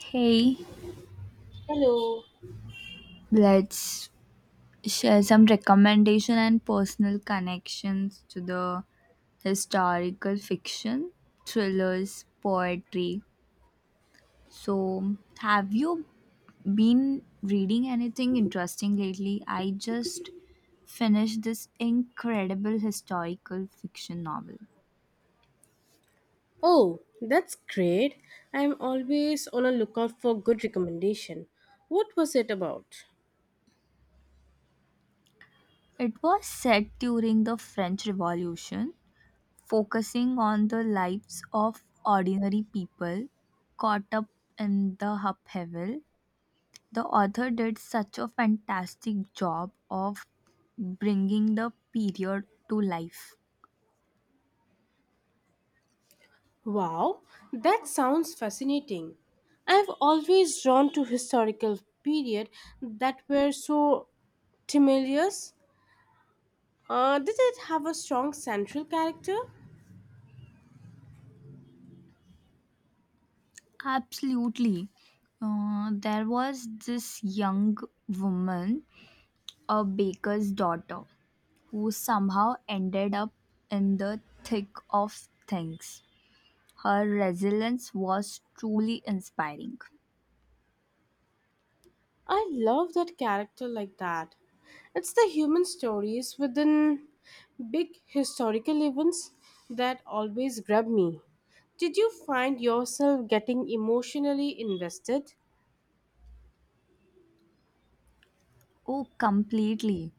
Hey, Hello. let's share some recommendation and personal connections to the historical fiction, thrillers, poetry. So, have you been reading anything interesting lately? I just finished this incredible historical fiction novel. Oh, that's great. I'm always on a lookout for good recommendation. What was it about? It was set during the French Revolution, focusing on the lives of ordinary people caught up in the upheaval. The author did such a fantastic job of bringing the period to life. Wow, that sounds fascinating. I've always drawn to historical period that were so tumultuous. Did it have a strong central character? Absolutely. There was this young woman, a baker's daughter, who somehow ended up in the thick of things. Her resilience was truly inspiring. I love that character like that. It's the human stories within big historical events that always grab me. Did you find yourself getting emotionally invested? Oh, completely.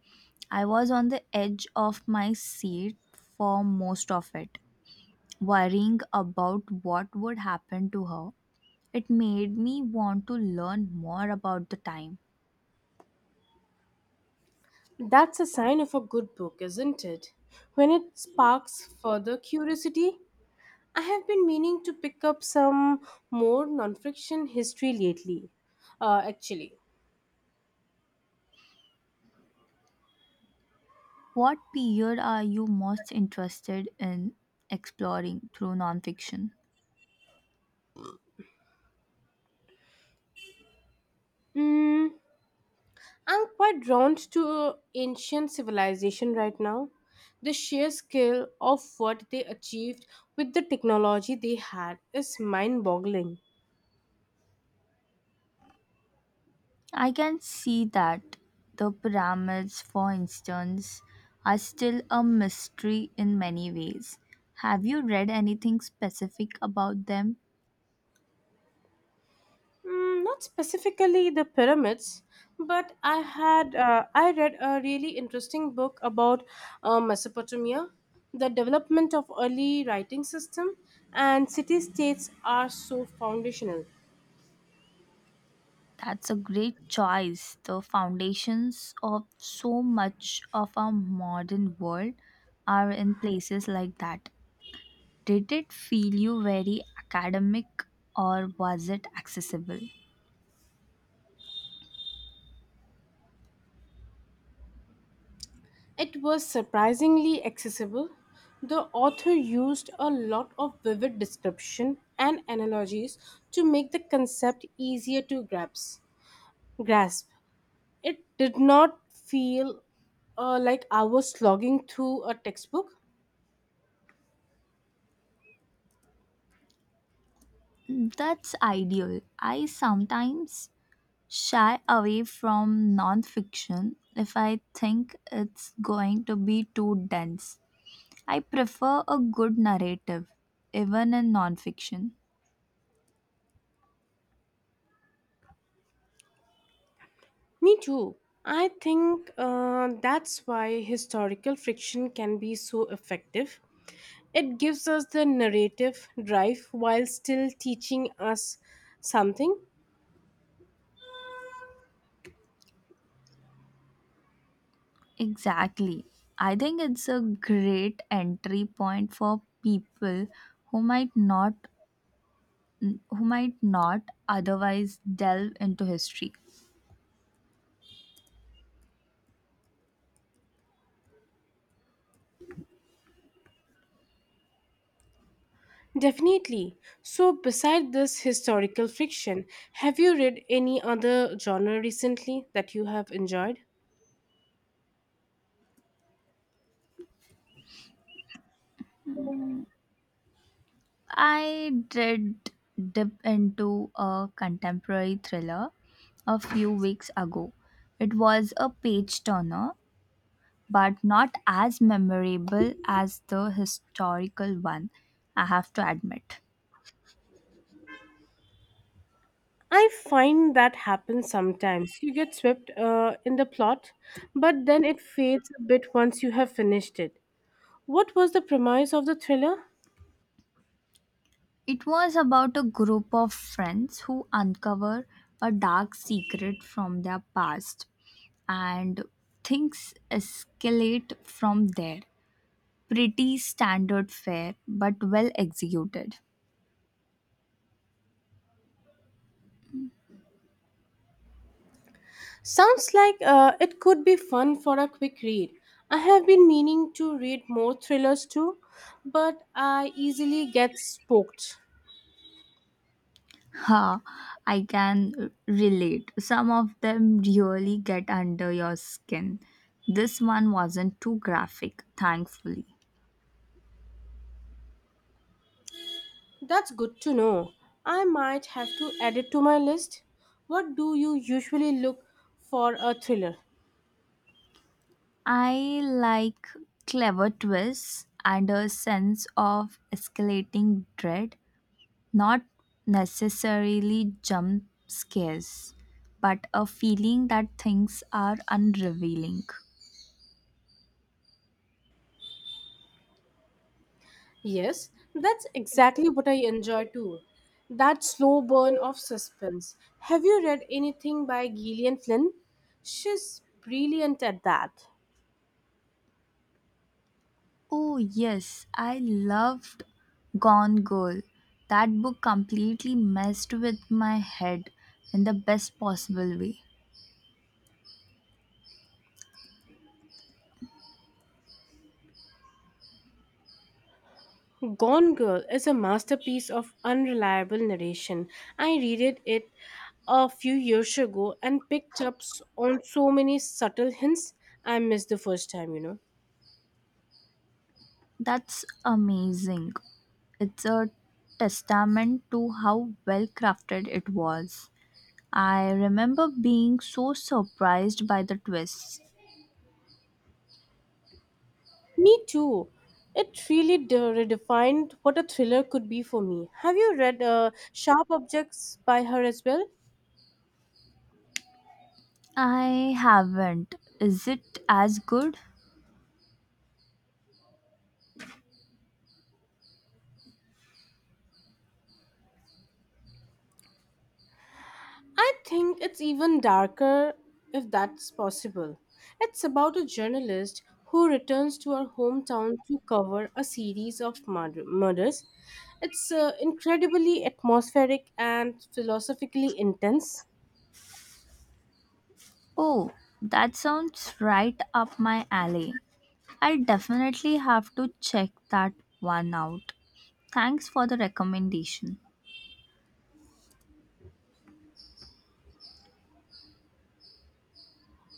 I was on the edge of my seat for most of it, worrying about what would happen to her. It made me want to learn more about the time. That's a sign of a good book, isn't it? When it sparks further curiosity, I have been meaning to pick up some more nonfiction history lately. Actually, What period are you most interested in exploring through nonfiction? Mm. I'm quite drawn to ancient civilization right now. The sheer scale of what they achieved with the technology they had is mind boggling. I can see that. The pyramids, for instance, are still a mystery in many ways. Have you read anything specific about them? Mm, not specifically the pyramids, but I read a really interesting book about Mesopotamia, the development of early writing system, and city states are so foundational. That's a great choice. The foundations of so much of our modern world are in places like that. Did it feel you very academic or was it accessible? It was surprisingly accessible. The author used a lot of vivid description and analogies to make the concept easier to grasp. Grasp. It did not feel like I was slogging through a textbook. That's ideal. I sometimes shy away from nonfiction if I think it's going to be too dense. I prefer a good narrative, even in nonfiction. Me too. I think that's why historical fiction can be so effective. It gives us the narrative drive while still teaching us something. Exactly. I think it's a great entry point for people who might not who might not otherwise delve into history. Definitely. So, beside this historical fiction, have you read any other genre recently that you have enjoyed? I did dip into a contemporary thriller a few weeks ago. It was a page turner, but not as memorable as the historical one, I have to admit. I find that happens sometimes. You get swept in the plot, but then it fades a bit once you have finished it. What was the premise of the thriller? It was about a group of friends who uncover a dark secret from their past, and things escalate from there. Pretty standard fare, but well executed. Sounds like it could be fun for a quick read. I have been meaning to read more thrillers too, but I easily get spooked. Ha, I can relate. Some of them really get under your skin. This one wasn't too graphic, thankfully. That's good to know. I might have to add it to my list. What do you usually look for a thriller? I like clever twists and a sense of escalating dread. Not necessarily jump scares, but a feeling that things are unrevealing. Yes, that's exactly what I enjoy too. That slow burn of suspense. Have you read anything by Gillian Flynn? She's brilliant at that. Oh, yes, I loved Gone Girl. That book completely messed with my head in the best possible way. Gone Girl is a masterpiece of unreliable narration. I read it a few years ago and picked up on so many subtle hints I missed the first time, you know. That's amazing. It's a testament to how well crafted it was. I remember being so surprised by the twists. Me too. It really redefined what a thriller could be for me. Have you read Sharp Objects by her as well? I haven't. Is it as good? I think it's even darker, if that's possible. It's about a journalist who returns to her hometown to cover a series of murders. It's incredibly atmospheric and philosophically intense. Oh, that sounds right up my alley. I'll definitely have to check that one out. Thanks for the recommendation.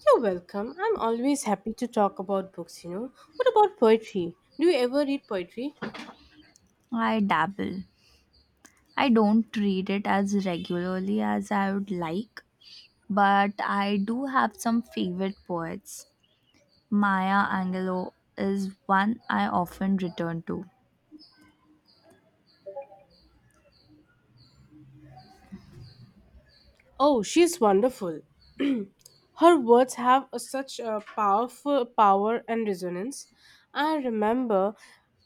You're welcome. I'm always happy to talk about books, you know. What about poetry? Do you ever read poetry? I dabble. I don't read it as regularly as I would like, but I do have some favorite poets. Maya Angelou is one I often return to. Oh, she's wonderful. Her words have such a powerful power and resonance. I remember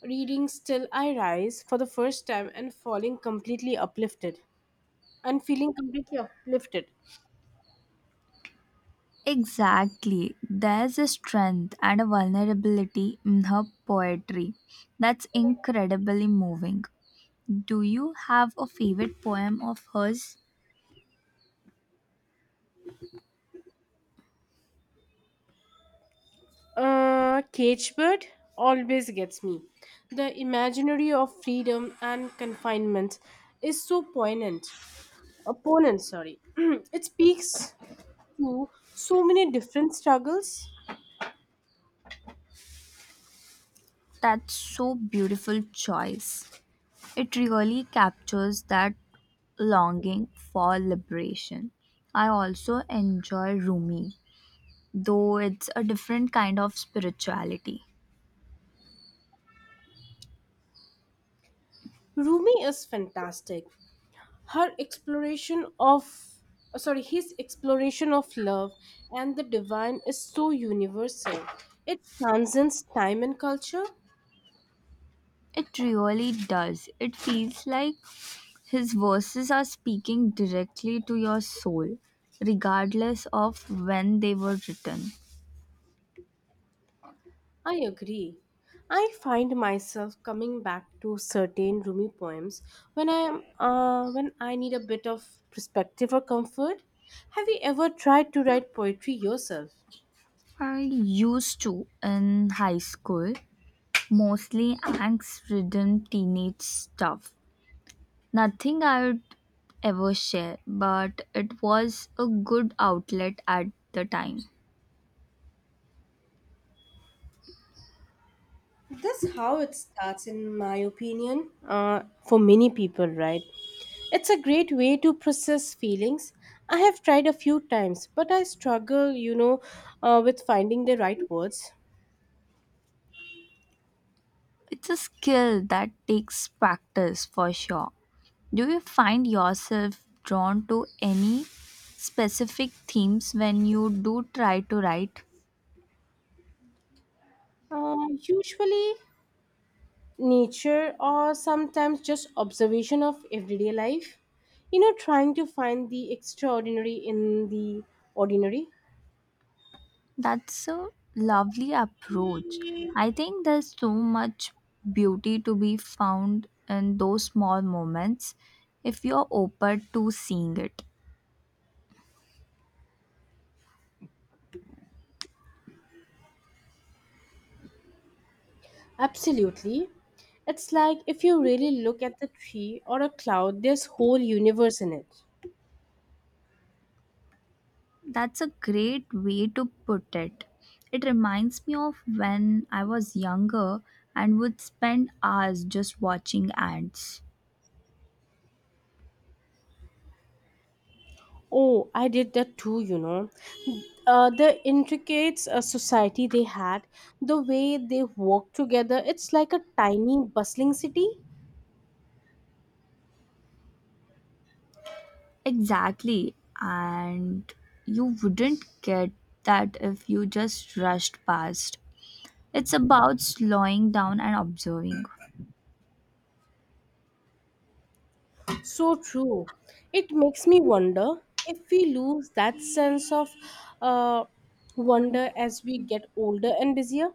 reading Still I Rise for the first time and falling completely uplifted and feeling completely uplifted. Exactly. There's a strength and a vulnerability in her poetry that's incredibly moving. Do you have a favorite poem of hers? Cage Bird always gets me. The imaginary of freedom and confinement is so poignant. Opponent, sorry. It speaks to so many different struggles. That's so beautiful choice. It really captures that longing for liberation. I also enjoy Rumi, though it's a different kind of spirituality. Rumi is fantastic. Her exploration of sorry his exploration of love and the divine is so universal, it transcends time and culture. It really does. It feels like his verses are speaking directly to your soul, regardless of when they were written. I agree. I find myself coming back to certain Rumi poems when I need a bit of perspective or comfort. Have you ever tried to write poetry yourself? I used to in high school, mostly angst ridden teenage stuff. Nothing I would ever share, but it was a good outlet at the time. That's how it starts in my opinion, for many people, right? It's a great way to process feelings. I have tried a few times, but I struggle, you know, with finding the right words. It's a skill that takes practice for sure. Do you find yourself drawn to any specific themes when you do try to write? Usually, nature or sometimes just observation of everyday life. You know, trying to find the extraordinary in the ordinary. That's a lovely approach. I think there's so much beauty to be found in those small moments if you're open to seeing it. Absolutely. It's like if you really look at the tree or a cloud, there's whole universe in it. That's a great way to put it. It reminds me of when I was younger and would spend hours just watching ants. Oh, I did that too, you know. The intricate society they had, the way they work together, it's like a tiny, bustling city. Exactly. And you wouldn't get that if you just rushed past. It's about slowing down and observing. So true. It makes me wonder if we lose that sense of uh, wonder as we get older and busier.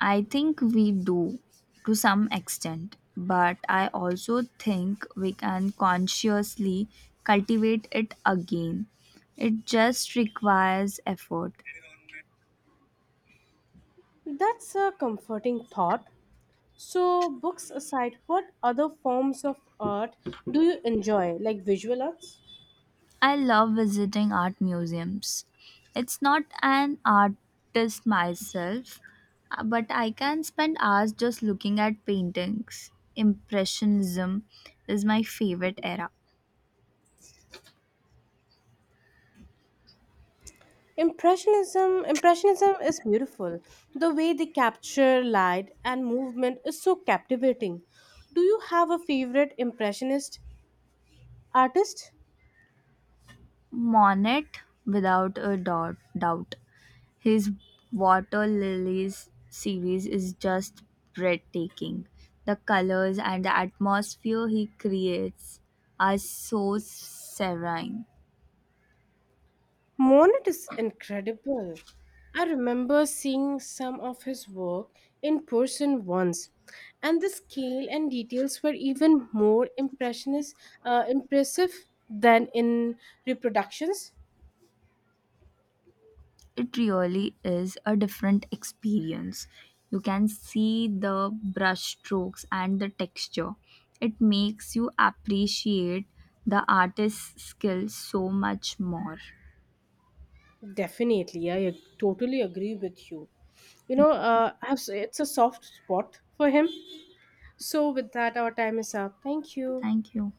I think we do to some extent, but I also think we can consciously cultivate it again. It just requires effort. That's a comforting thought. So, books aside, what other forms of art do you enjoy, like visual arts? I love visiting art museums. It's not an artist myself, but I can spend hours just looking at paintings. Impressionism is my favorite era. Impressionism is beautiful. The way they capture light and movement is so captivating. Do you have a favorite impressionist artist? Monet, without a doubt. His Water Lilies series is just breathtaking. The colors and the atmosphere he creates are so serene. Monet is incredible. I remember seeing some of his work in person once, and the scale and details were even more impressionist impressive than in reproductions. It really is a different experience. You can see the brush strokes and the texture. It makes you appreciate the artist's skill so much more. Definitely, totally agree with you. You know, it's a soft spot for him. So, with that, our time is up. Thank you. Thank you.